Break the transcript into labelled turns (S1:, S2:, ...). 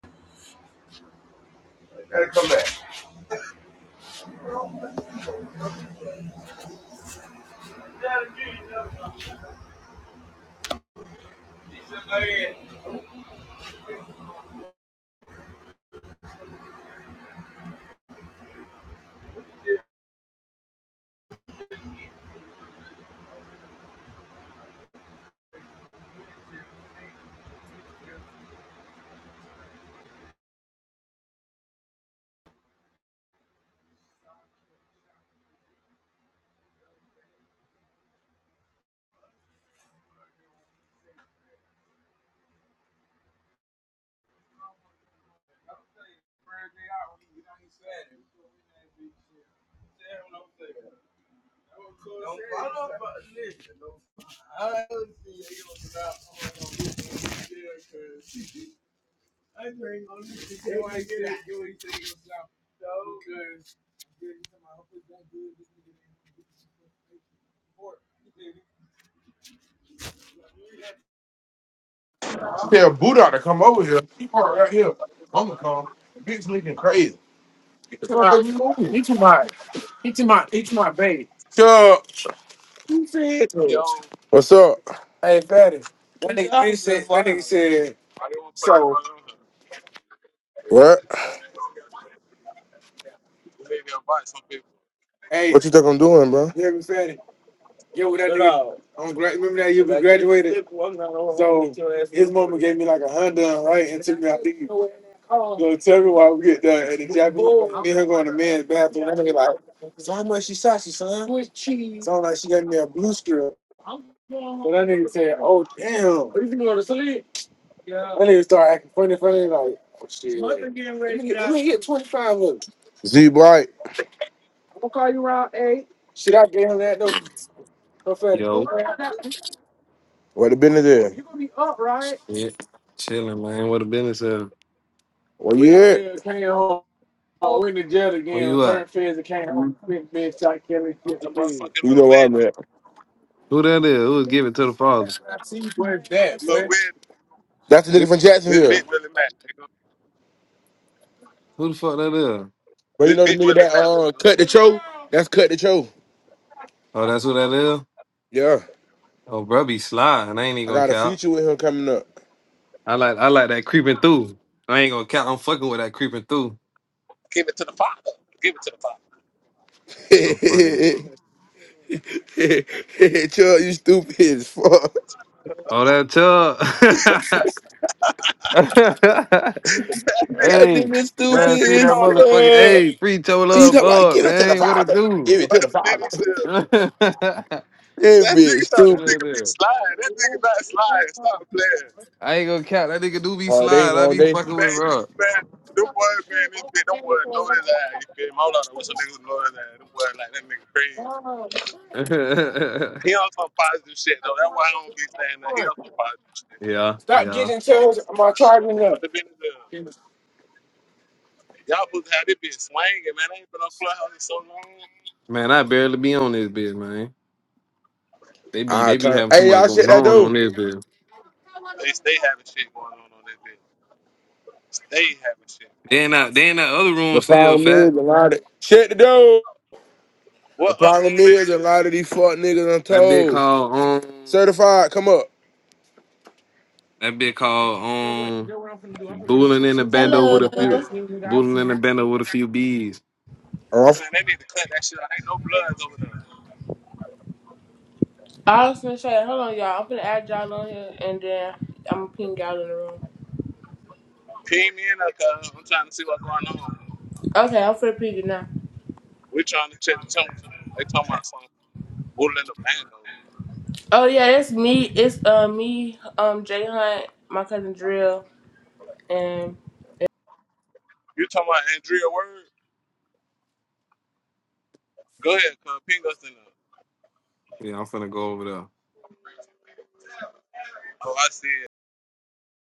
S1: Gotta come back. Tell Buddha to come over here. He parked right here. I'ma come. Bitch looking crazy. Chuck,
S2: Yo, I
S1: what's up?
S2: didn't want to put it anybody on hood.
S1: What?
S2: We need to invite some people.
S1: What you think I'm doing, bro? Yeah, all right, good. After that nigga like, so how much she shot you, son? Don't like she got me a blue strip. So that nigga said, oh damn. That nigga start acting funny, funny like, oh shit. He hit 25 of it. Z Blight. Shit, I gave him that though. No fatty.
S3: Yo,
S1: What the business is?
S3: yeah, chilling, man. What a business is.
S1: Well, yeah. I went to jail
S3: Where
S1: again.
S3: you at?
S1: Returned feds and came home. Big bitch, shot Kelly, killed the
S2: That
S1: kid.
S2: motherfucking
S1: You
S2: little
S1: know where I'm
S2: Willie.
S1: at.
S3: Who that is? Who give it to the father?
S1: I see where's that,
S2: Little
S1: boy.
S2: Willie.
S1: That's the
S2: This
S1: nigga from
S2: this
S1: Jacksonville.
S2: big Willie Mack, nigga.
S3: Who the fuck that is?
S1: But you
S2: This
S1: know the
S2: big
S1: nigga
S2: Willie
S1: that
S2: Mack,
S1: uh
S2: nigga.
S1: cut the cho? That's cut the cho.
S3: Oh, that's who that is.
S1: Yeah.
S3: Oh, bruh, be sly, and I ain't
S1: I
S3: even gonna
S1: got a
S3: count.
S1: feature with him coming up.
S3: I like, I like that creeping through. I ain't gonna count. I'm fucking with that creeping through.
S2: Give it to the father. Give it to the father.
S3: I'm fucking.
S1: Chuck, you stupid as fuck.
S3: Oh, that tub.
S1: That
S3: hey,
S1: nigga
S2: That nigga, that
S3: man,
S1: stupid
S3: free
S2: nigga
S3: that
S1: as
S2: thought
S3: motherfucker.
S1: fuck.
S3: Hey, free toe
S1: He
S3: love,
S1: talking about
S3: boy,
S1: give it to the
S3: man. What it
S1: father. Give
S3: do?
S1: it
S2: what
S1: to the
S2: did
S1: father.
S2: he do?
S3: who that
S1: that
S2: That
S1: bitch
S2: nigga thought that
S1: stupid.
S2: nigga be
S3: is?
S2: sliding. That nigga not sliding. Stop playing.
S3: I ain't gonna count. That nigga do be
S1: Hard day,
S3: slide. I
S1: all
S3: be
S1: day.
S3: fucking with
S2: Man, you
S3: bro.
S2: man, them boys being this big, them boys know his ass. You feel me? Hold on, what's some niggas know his ass? Them boys like that nigga crazy. He on some positive shit though. That's why I don't be saying that. He on some positive shit.
S3: yeah,
S1: Stop
S3: yeah.
S1: getting toes. Am I charging
S2: But
S1: up.
S2: the been the y'all supposed to have this bitch swinging, man. I ain't been on clubhouse in so long.
S3: Man, I barely be on this bitch, man. They be
S1: I
S3: they be
S1: turn.
S3: having too
S1: Hey,
S3: much
S1: y'all, shut
S3: going
S1: that
S3: on on
S1: door.
S3: this bitch.
S2: They stay having shit going on on that bitch. Stay having shit
S3: They
S2: going
S3: in
S2: on.
S3: that they in that other room
S1: The
S3: still fat.
S1: problem, shut the door. The
S2: What other
S1: problem
S2: room they
S1: is a lot of
S2: in?
S1: these fuck niggas
S3: That bitch
S1: untold.
S3: called um
S1: Certified, come up.
S3: that bitch called um booling in the bando
S4: Hello.
S3: with a few booling in the bando with a few bees.
S2: Man, they need to cut that shit out. Ain't no bloods over there.
S4: I was finna say, hold on, y'all. I'm finna add y'all on here, and then I'm gonna ping y'all in the room.
S2: Ping me in there, cuz I'm trying to see what's going on.
S4: Okay, I'm finna ping you now.
S2: We trying to check the temperature. They talking about some bull in the band though.
S4: Oh yeah, it's me. It's uh me, um Jay Hunt, my cousin Drill, and.
S2: You talking about Andrea Word? Go ahead, cuz ping us in there.
S3: Yeah, I'm finna go over there.
S2: Oh, I see.